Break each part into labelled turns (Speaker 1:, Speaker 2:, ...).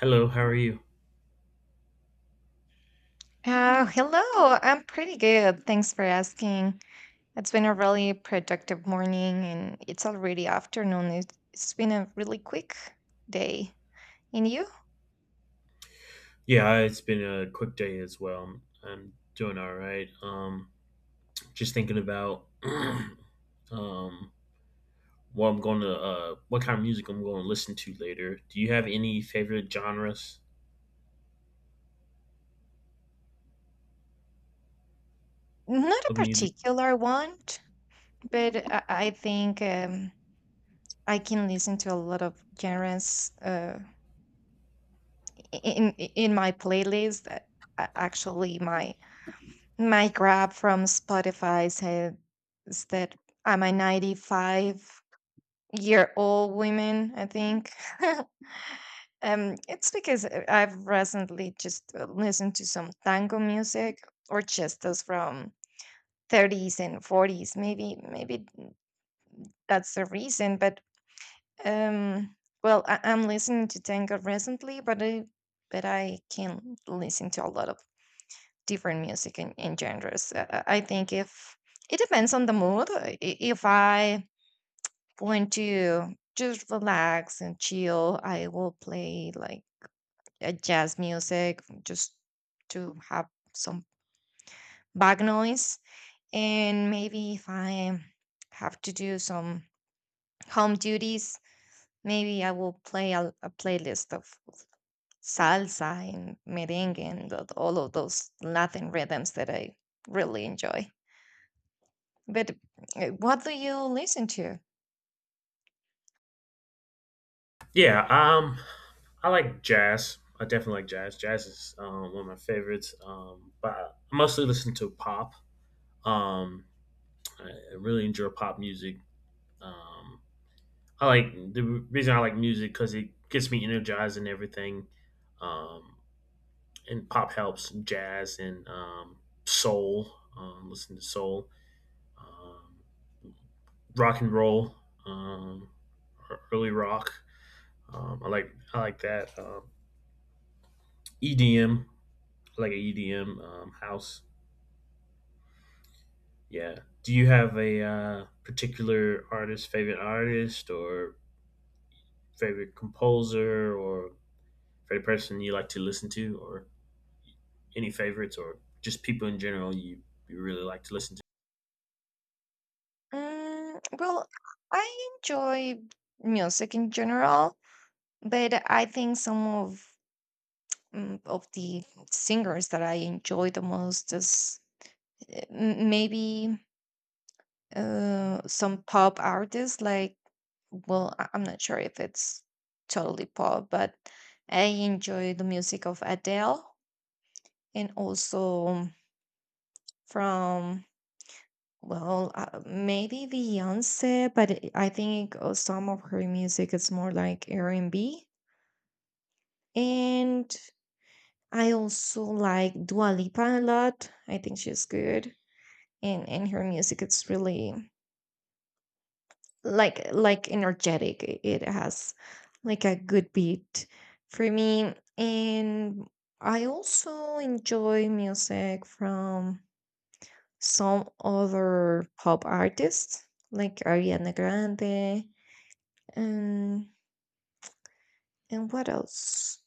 Speaker 1: Hello, how are you?
Speaker 2: Hello, I'm pretty good. Thanks for asking. It's been a really productive morning and it's already afternoon. It's been a really quick day. And you?
Speaker 1: Yeah, it's been a quick day as well. I'm doing all right. Just thinking about what I'm going to what kind of music I'm going to listen to later. Do you have any favorite genres
Speaker 2: Not a
Speaker 1: of music?
Speaker 2: particular one, but I think I can listen to a lot of genres in my playlist. Actually, my grab from Spotify says that I'm a 95. You're all women, I think. It's because I've recently just listened to some tango music, or just those from 30s and 40s. Maybe that's the reason. But um, well, I'm listening to tango recently, but I can listen to a lot of different music and genres. I think if it depends on the mood. If I, when to just relax and chill, I will play like a jazz music just to have some back noise. And maybe if I have to do some home duties, maybe I will play a playlist of salsa and merengue and all of those Latin rhythms that I really enjoy. But what do you listen to?
Speaker 1: Yeah, I like jazz. I definitely like jazz. Jazz is one of my favorites. But I mostly listen to pop. Um, I I really enjoy pop music. Um, I like the reason I like music because it gets me energized and everything. Um, and pop helps and jazz and soul. Listen to soul, um, rock and roll, um, or early rock. I like that EDM. Like a EDM house. Yeah. Do you have a particular artist, favorite artist, or favorite composer, or favorite person you like to listen to, or any favorites or just people in general you really like to listen to?
Speaker 2: Mm, well, I enjoy music in general, but I think some of of the singers that I enjoy the most is maybe some pop artists. Like, well, I'm not sure if it's totally pop, but I enjoy the music of Adele, and also from, well, maybe Beyonce, but I think some of her music is more like R&B. And B. And I also like Dua Lipa a lot. I think she's good, and her music it's really like energetic. It has like a good beat for me. And I also enjoy music from some other pop artists like Ariana Grande. And what else?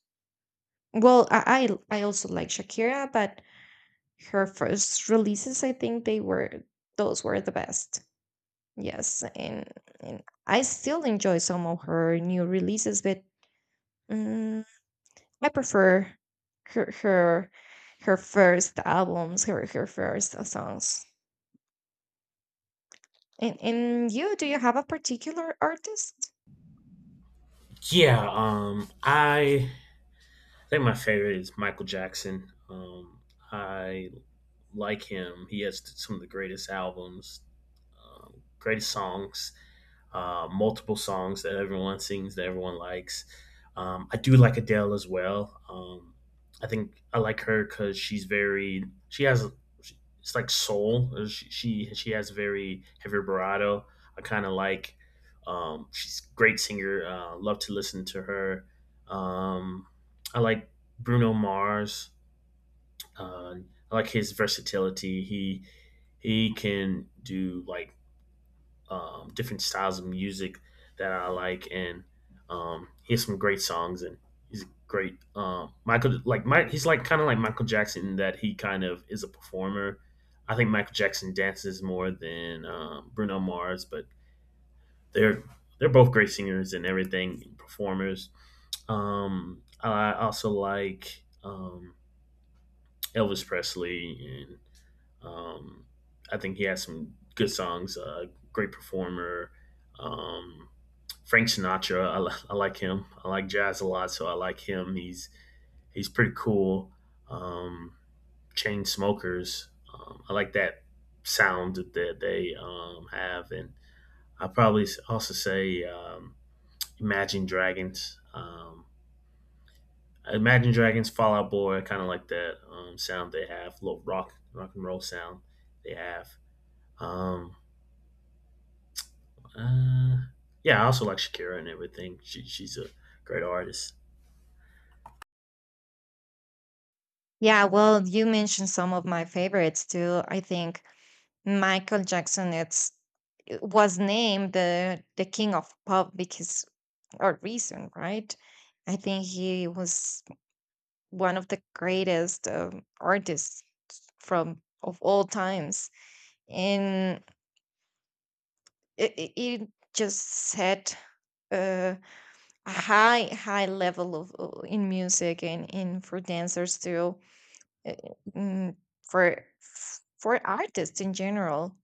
Speaker 2: Well, I also like Shakira, but her first releases, I think they were, those were the best. Yes, and I still enjoy some of her new releases, but mm, I prefer her her her first albums, her first songs. And you, do you have a particular artist?
Speaker 1: Yeah, I think my favorite is Michael Jackson. I like him. He has some of the greatest albums, greatest songs, multiple songs that everyone sings that everyone likes. I do like Adele as well. I think I like her because she has it's like soul. She has very heavy vibrato. I kind of like. She's a great singer. Love to listen to her. Um, I like Bruno Mars. Uh, I like his versatility. He can do like different styles of music that I like, and he has some great songs, and he's great. Michael like Mike, he's like kind of like Michael Jackson in that he kind of is a performer. I think Michael Jackson dances more than Bruno Mars, but they're they're both great singers and everything, and performers. I also like Elvis Presley and Um, I think he has some good songs. Great performer. Um, Frank Sinatra. I like him. I like jazz a lot, so I like him. He's pretty cool. Um, Chain Smokers. I like that sound that they have, and I probably also say Imagine Dragons. Imagine Dragons, Fall Out Boy. I kind of like that sound they have. Little rock, rock and roll sound they have. Um, Uh, yeah, I also like Shakira and everything. She's a great artist.
Speaker 2: Yeah, well, you mentioned some of my favorites too. I think Michael Jackson it's was named the king of pop because, or reason, right? I think he was one of the greatest artists from of all times, and it just set uh, a high level of, in music and in, for dancers too, uh, mm, for artists in general.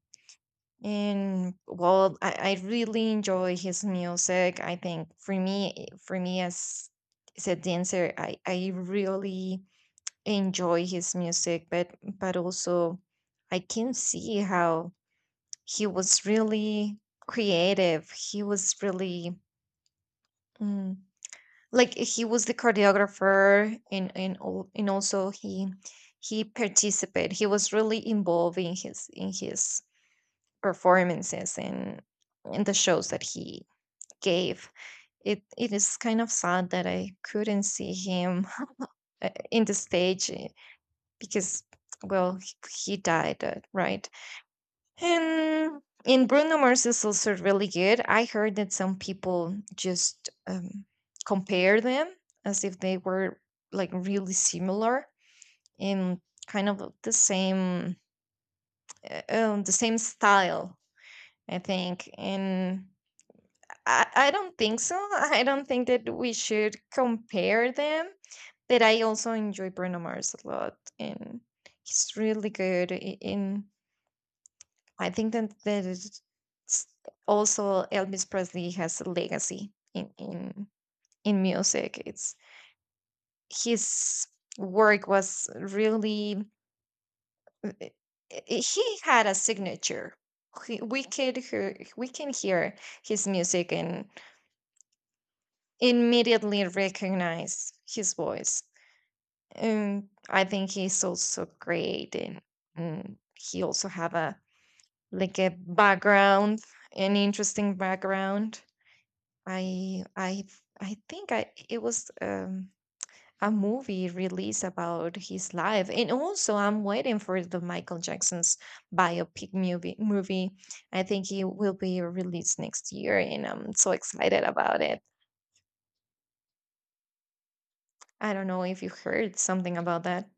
Speaker 2: And well, I really enjoy his music. I think for me, for me as a dancer, I really enjoy his music, but also I can see how he was really creative. He was really mm, like he was the choreographer and and also he participated. He was really involved in his performances and the shows that he gave. It is kind of sad that I couldn't see him in the stage, because well he died, right. And in Bruno Mars is also really good. I heard that some people just compare them as if they were like really similar, in kind of the same, the same style, I think. And I don't think so. I don't think that we should compare them. But I also enjoy Bruno Mars a lot, and he's really good. I- In I think that that is, s- also Elvis Presley has a legacy in music. It's, his work was really, he had a signature. We could hear, we can hear his music and immediately recognize his voice. I think he's also great, and he also have a like a background, an interesting background. I I I think I it was a movie release about his life, and also I'm waiting for the Michael Jackson's biopic movie. I think it will be released next year, and I'm so excited about it. I don't know if you heard something about that.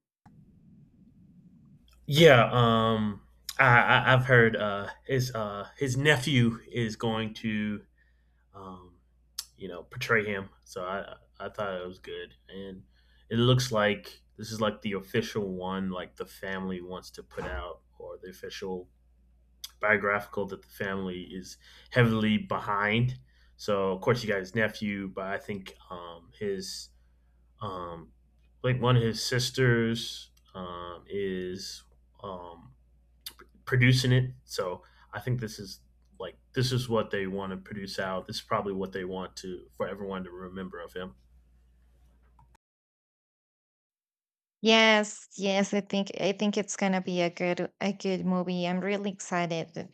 Speaker 1: Yeah, I've heard his nephew is going to um you know portray him, so I thought it was good, and it looks like this is like the official one like the family wants to put out or the official biographical that the family is heavily behind. So of course you got his nephew, but I think his Um, like one of his sisters is um, producing it, so I think this is like this is what they want to produce out. This is probably what they want to for everyone to remember of him.
Speaker 2: Yes, yes, I think it's gonna be a good movie. I'm really excited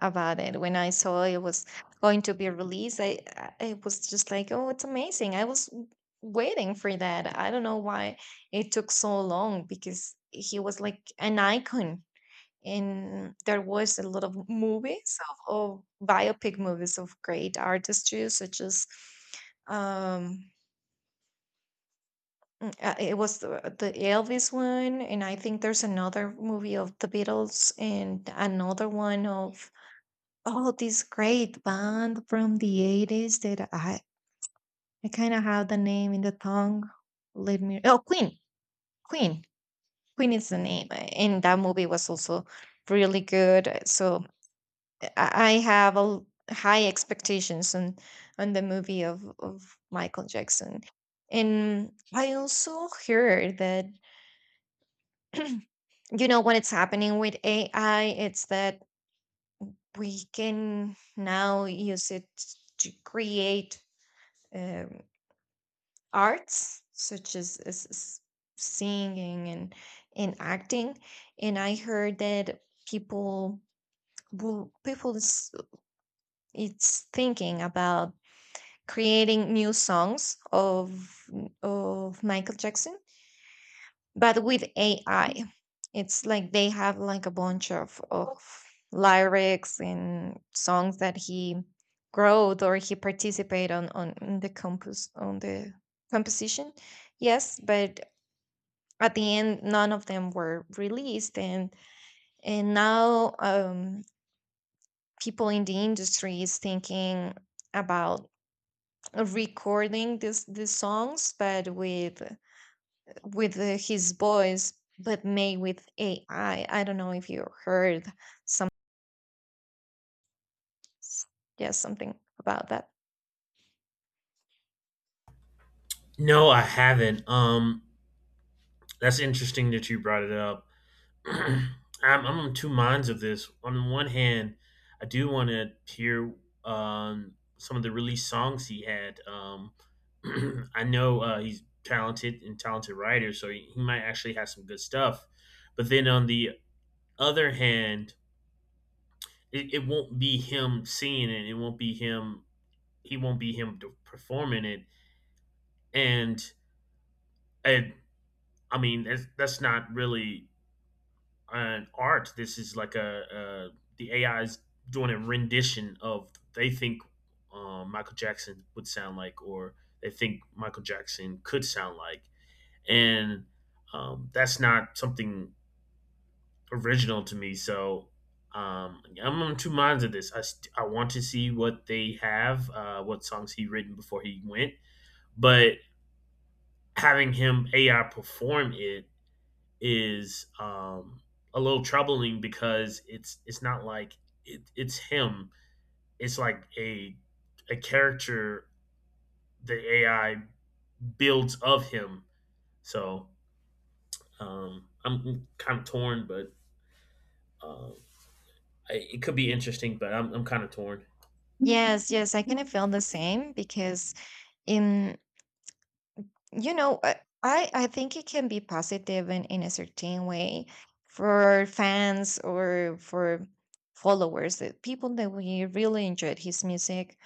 Speaker 2: about it. When I saw it was going to be released, I was just like, oh, it's amazing. I was waiting for that. I don't know why it took so long because he was like an icon, and there was a lot of movies of biopic movies of great artists too, such as um it was the Elvis one, and I think there's another movie of the Beatles and another one of, oh, this great band from the 80s that I kind of have the name in the tongue. Let me, oh, Queen. Queen. Queen is the name. And that movie was also really good. So I have high expectations on the movie of Michael Jackson. And I also heard that you know what is happening with AI? It's that we can now use it to create um, arts such as, as singing and acting. And I heard that people, will people is, it's thinking about creating new songs of Michael Jackson but with AI, it's like they have like a bunch of lyrics and songs that he wrote, or he participate on, in the compos on the composition. Yes, but at the end, none of them were released, and now people in the industry is thinking about recording this these songs, but with his voice, but made with AI. I don't know if you heard some, yes, something about that.
Speaker 1: No, I haven't. That's interesting that you brought it up. I'm, I'm on two minds of this. On the one hand, I do want to hear some of the released songs he had. I know he's talented and talented writer, so he might actually have some good stuff. But then on the other hand, it won't be him singing it. It won't be him. He won't be him performing it. And I, I mean, that's not really an art. This is like a the AI is doing a rendition of they think Michael Jackson would sound like, or they think Michael Jackson could sound like, and that's not something original to me. So yeah, I'm on two minds of this. I want to see what they have, what songs he written before he went, but having him AI perform it is a little troubling because it's not like it's him. It's like a character the AI builds of him. So I'm kind of torn, but uh, it could be interesting. But I'm kind of torn.
Speaker 2: Yes, yes, I kind of feel the same because, in, you know, I think it can be positive in a certain way for fans or for followers, the people that we really enjoyed his music.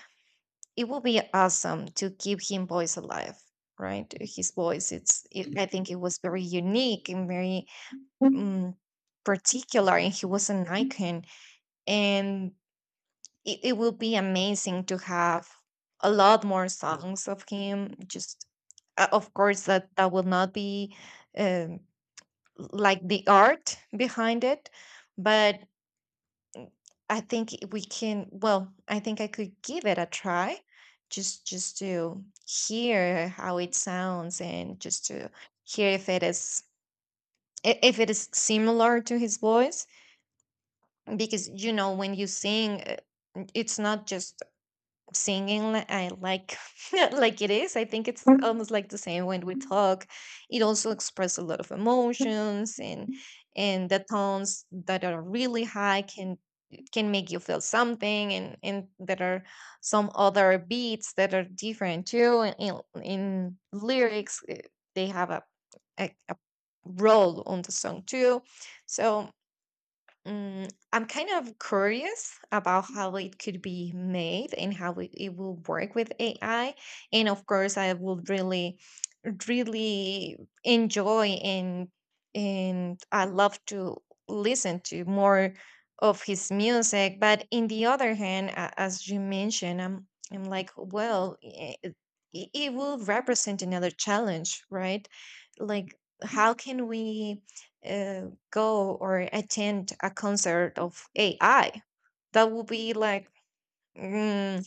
Speaker 2: It will be awesome to keep him voice alive, right? His voice, I think it was very unique and very particular, and he was an icon, and it will be amazing to have a lot more songs of him. Just, of course that that will not be, um, like the art behind it, but I think I could give it a try, just to hear how it sounds and just to hear if it is, if it is similar to his voice. Because you know, when you sing, it's not just singing I like like it is. I think it's almost like the same when we talk. It also expresses a lot of emotions, and the tones that are really high can make you feel something, and there are some other beats that are different too. And in lyrics, they have a role on the song too. So, I'm kind of curious about how it could be made and how it will work with AI. And of course, I would really really enjoy, and I love to listen to more of his music. But in the other hand, as you mentioned, I'm like, well, it will represent another challenge, right? Like, how can we go or attend a concert of AI? That would be like, mm,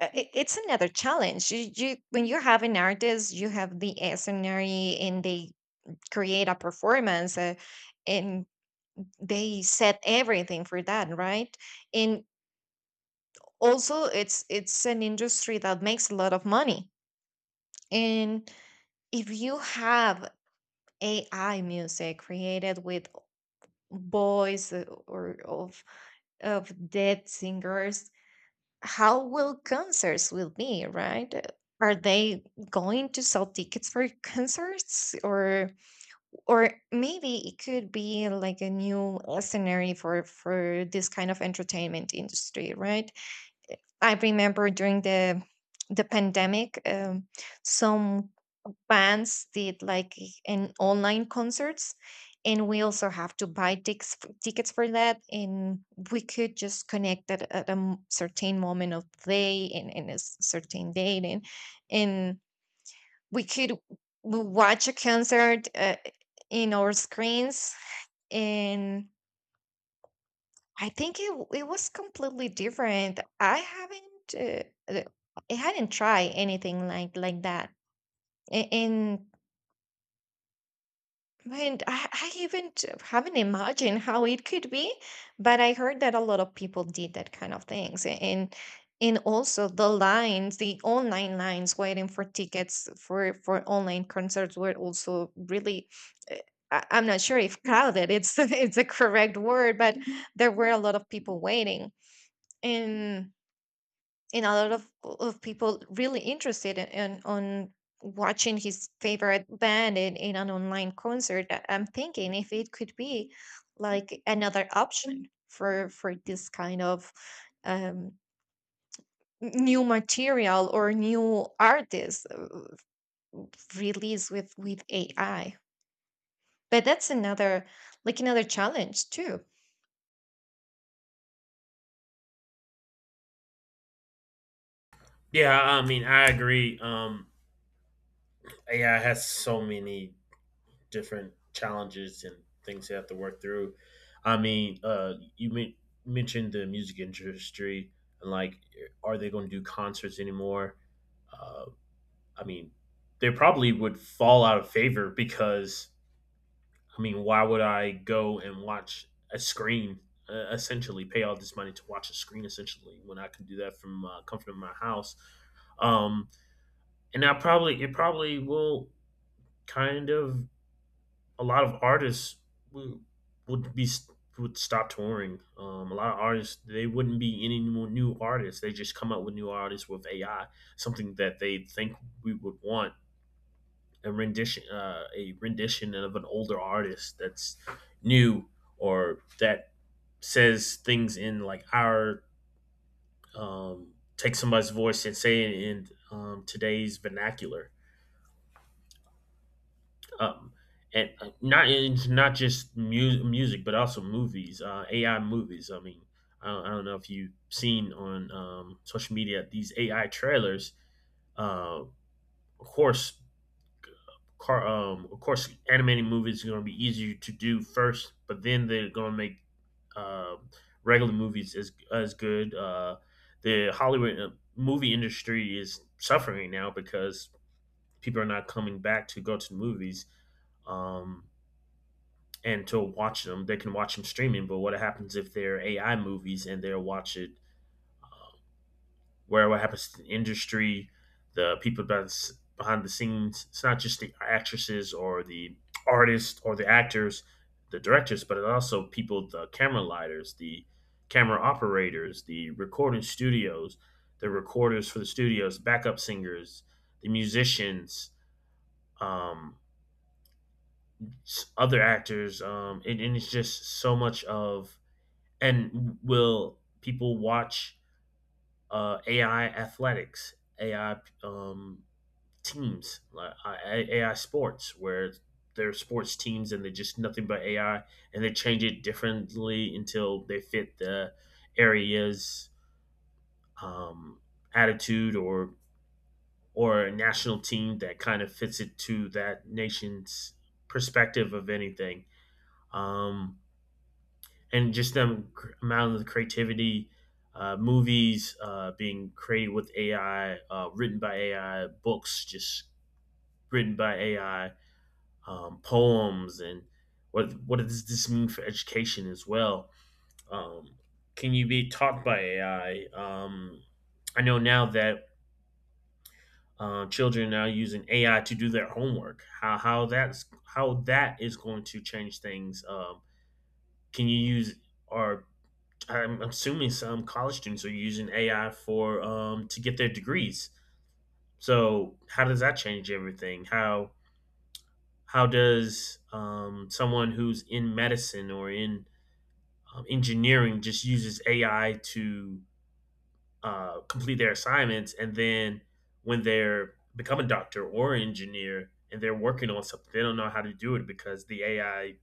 Speaker 2: it's another challenge. You when you have an artist, you have the scenery, and they create a performance, and they set everything for that, right? And also, it's an industry that makes a lot of money. And if you have AI music created with voice, or of dead singers, how will concerts will be, right? Are they going to sell tickets for concerts, or maybe it could be like a new scenario for this kind of entertainment industry, right? I remember during the pandemic, some bands did like an online concerts, and we also have to buy tickets, for that. And we could just connect at a certain moment of the day, and a certain date, and and we could watch a concert in our screens. And I think it was completely different. I haven't, uh, uh, I hadn't tried anything like that. A- and And I haven't imagined how it could be, but I heard that a lot of people did that kind of things, and also the lines, the online lines waiting for tickets for online concerts were also really, uh, I, I'm not sure if crowded it's it's the correct word, but there were a lot of people waiting, and and a lot of people really interested in on watching his favorite band in an online concert. I'm thinking if it could be like another option for this kind of um new material or new artists released with AI, but that's another, like another challenge too.
Speaker 1: Yeah, I mean I agree. AI has so many different challenges and things they have to work through. I mean, mentioned the music industry and like, are they going to do concerts anymore? Uh, I mean, they probably would fall out of favor because I mean, why would I go and watch a screen? Essentially, pay all this money to watch a screen. Essentially, when I can do that from comfort of my house, um, and I probably it probably will kind of a lot of artists would, would be would stop touring. A lot of artists they wouldn't be any more new artists. They just come up with new artists with AI, something that they think we would want a rendition of an older artist that's new or that says things in like our take somebody's voice and say it in today's vernacular um, and not it's not just music, but also movies, AI movies. I mean, I don't know if you've seen on social media these AI trailers. Uh, of course, of course, animating movies are going to be easier to do first, but then they're going to make uh, regular movies as good. The Hollywood movie industry is suffering right now because people are not coming back to go to the movies. Um, and to watch them. They can watch them streaming, but what happens if they're AI movies and they'll watch it? Where what happens to the industry, the people that's behind the scenes? It's not just the actresses or the artists or the actors, the directors, but it also people, the camera lighters, the camera operators, the recording studios, the recorders for the studios, backup singers, the musicians, um, other actors, and it's just so much of And will people watch AI athletics, AI um, teams, like AI sports, where there are sports teams and they're just nothing but AI, and they change it differently until they fit the area's um, attitude or a national team that kind of fits it to that nation's perspective of anything. Um, and just them amount of creativity, movies being created with AI, written by AI, books just written by AI, poems, and what does this mean for education as well? Um, can you be taught by AI? I know now that children are now using AI to do their homework. How that's how that is going to change things. Can you use or I'm assuming some college students are using AI for to get their degrees. So how does that change everything? How does someone who's in medicine or in engineering just uses AI to complete their assignments, and then when they're become a doctor or engineer and they're working on something, they don't know how to do it because the AI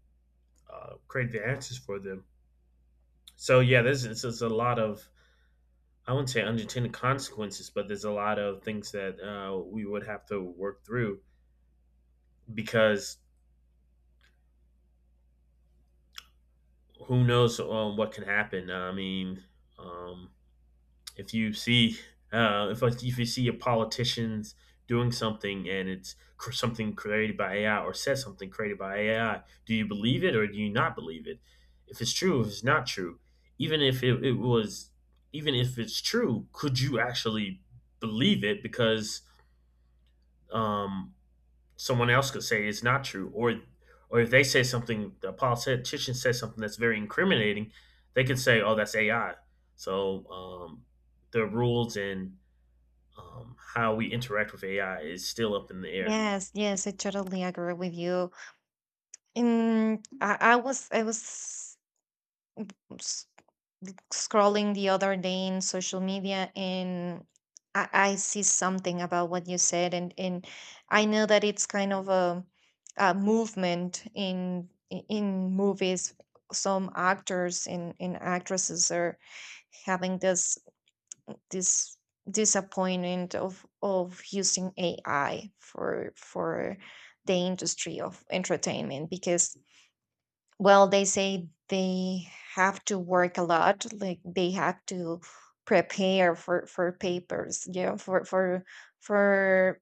Speaker 1: created the answers for them. So yeah, this is a lot of I wouldn't say unintended consequences, but there's a lot of things that we would have to work through because who knows what can happen. I mean, um, if you see if you see a politicians doing something and it's something created by AI or says something created by AI, do you believe it or do you not believe it? If it's true, if it's not true, even if it was, even if it's true, could you actually believe it? Because um, someone else could say it's not true, or if they say something, the politician says something that's very incriminating, they can say, "Oh, that's AI." So the rules and how we interact with AI is still up in the air.
Speaker 2: Yes, yes, I totally agree with you. And I was scrolling the other day in social media, and I see something about what you said, and I know that it's kind of a movement in movies. Some actors and actresses are having this disappointment of using AI for the industry of entertainment because, well, they say they have to work a lot, like they have to prepare for papers, you know, for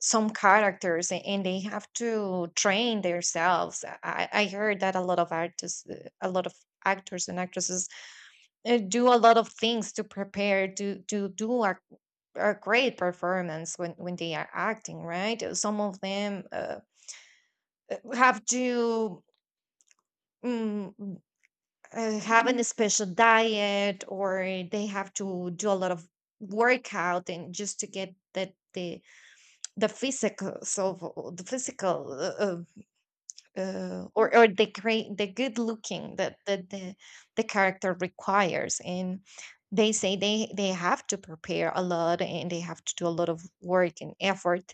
Speaker 2: some characters, and they have to train themselves. I heard that a lot of artists, a lot of actors and actresses do a lot of things to prepare to do a great performance when they are acting, right? Some of them have to. mm, having a special diet, or they have to do a lot of workout and just to get that the physical, so the physical or the great, the good looking that that the character requires. And they say they have to prepare a lot and they have to do a lot of work and effort.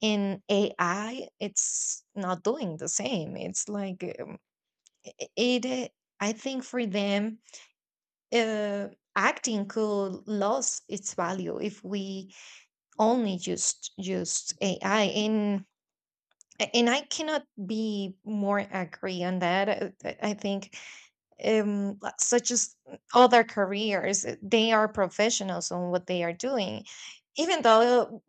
Speaker 2: In ai, it's not doing the same. It's like, I- it I think for them, uh, acting could lose its value if we only just used AI. And I cannot be more agree on that. I think, such as other careers, they are professionals on what they are doing, even though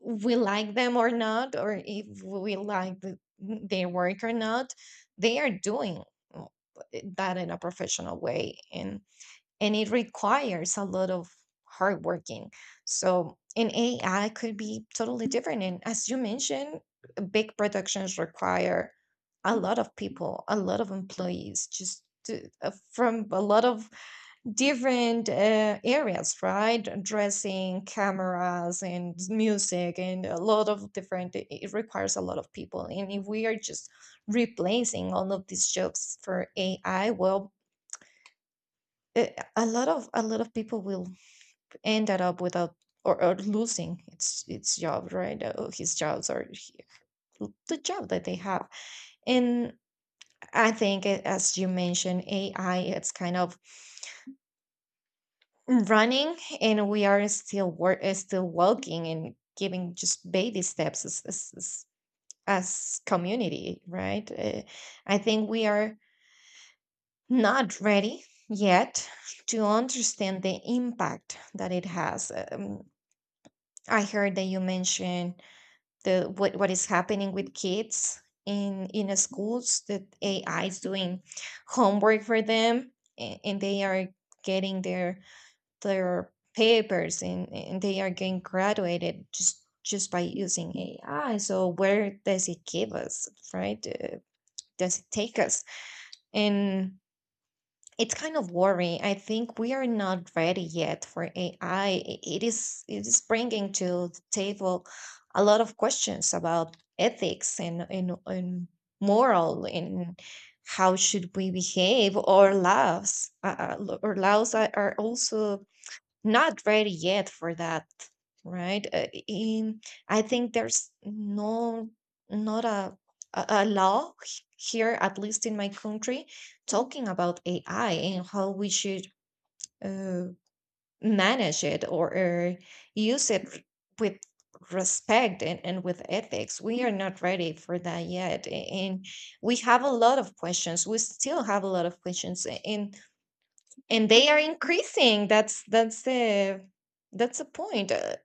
Speaker 2: we like them or not, or if we like their work or not, they are doing uh, that in a professional way, and it requires a lot of hard working. So in AI could be totally different. And as you mentioned, big productions require a lot of people, a lot of employees, just to, from a lot of different areas, right? Dressing, cameras, and music, and a lot of different. It requires a lot of people, and if we are just replacing all of these jobs for AI, well, uh, a lot of people will ended up without, or losing its job, right? Oh, his jobs, or the job that they have. And I think, as you mentioned, AI, it's kind of running, and we are still work still walking and giving just baby steps as as community, right? I think we are not ready yet to understand the impact that it has. I heard that you mentioned the what is happening with kids in schools, that AI is doing homework for them, and they are getting their papers, and they are getting graduated just by using AI. So where does it give us, right? Does it take us? And it's kind of worrying. I think we are not ready yet for AI. It is bringing to the table a lot of questions about ethics, and and moral, and how should we behave, or laws. Our laws are also not ready yet for that, right? In I think there's no, not a law here, at least in my country, talking about AI and how we should, uh, manage it, or use it with respect, and with ethics. We are not ready for that yet. And we have a lot of questions. We still have a lot of questions. And they are increasing. That's that's the point.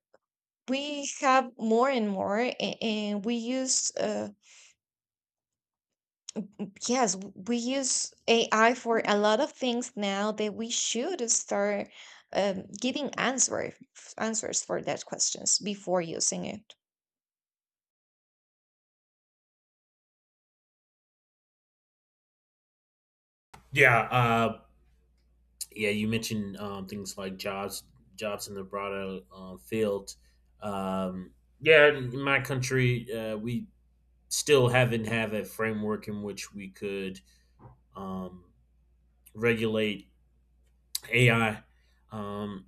Speaker 2: We have more and more. And we use, yes, we use AI for a lot of things now, that we should start, giving answers for that questions before using it.
Speaker 1: Yeah, uh, yeah. You mentioned things like jobs, jobs in the broader field. Um, yeah, in my country, we still haven't have a framework in which we could um, regulate AI. Um,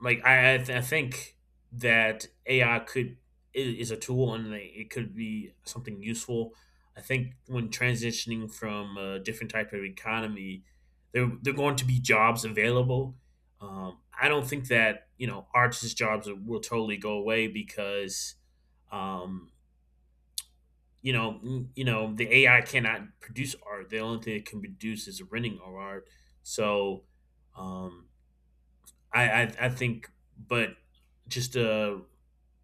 Speaker 1: like I think that AI could is a tool and it could be something useful. I think when transitioning from a different type of economy, there are going to be jobs available. I don't think that you know artists' jobs will totally go away because um, you know you know the AI cannot produce art. The only thing it can produce is renting of art. So um, I think, but just a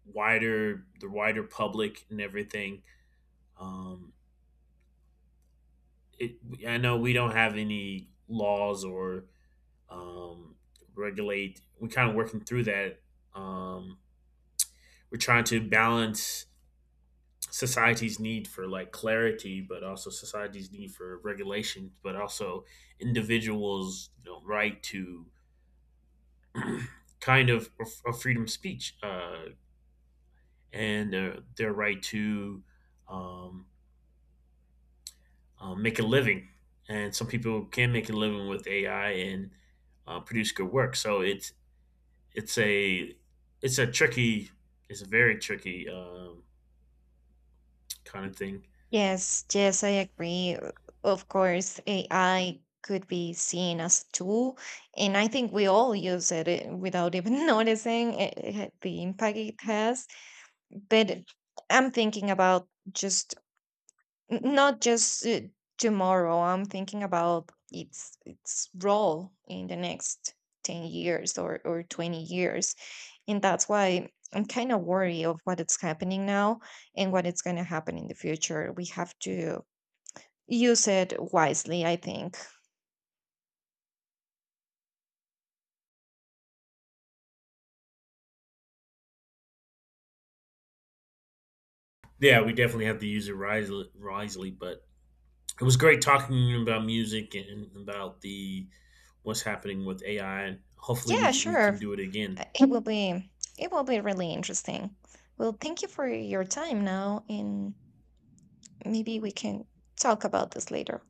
Speaker 1: wider the wider public and everything. Um, it, I know we don't have any laws or um, regulate. We're kind of working through that. Um, we're trying to balance society's need for like clarity, but also society's need for regulation, but also individuals' you know, right to kind of a freedom of speech. And their right to um, make a living. And some people can make a living with AI and produce good work. So it's a it's a tricky it's a very tricky kind of thing.
Speaker 2: Yes, yes, I agree. Of course, AI could be seen as a tool, and I think we all use it, without even noticing it, the impact it has. But I'm thinking about just, not just, tomorrow. I'm thinking about its role in the next 10 years, or 20 years, and that's why I'm kind of worried of what it's happening now and what it's going to happen in the future. We have to use it wisely, I think.
Speaker 1: Yeah, we definitely have to use it wisely, wisely. But it was great talking about music and about the what's happening with AI. Hopefully,
Speaker 2: Yeah,
Speaker 1: we can
Speaker 2: sure.
Speaker 1: do it again.
Speaker 2: It will be, really interesting. Well, thank you for your time now, and maybe we can talk about this later.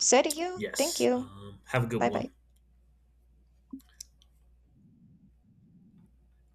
Speaker 2: So do you. Thank
Speaker 1: Yes.
Speaker 2: you.
Speaker 1: Have a good
Speaker 2: Bye
Speaker 1: one.
Speaker 2: bye.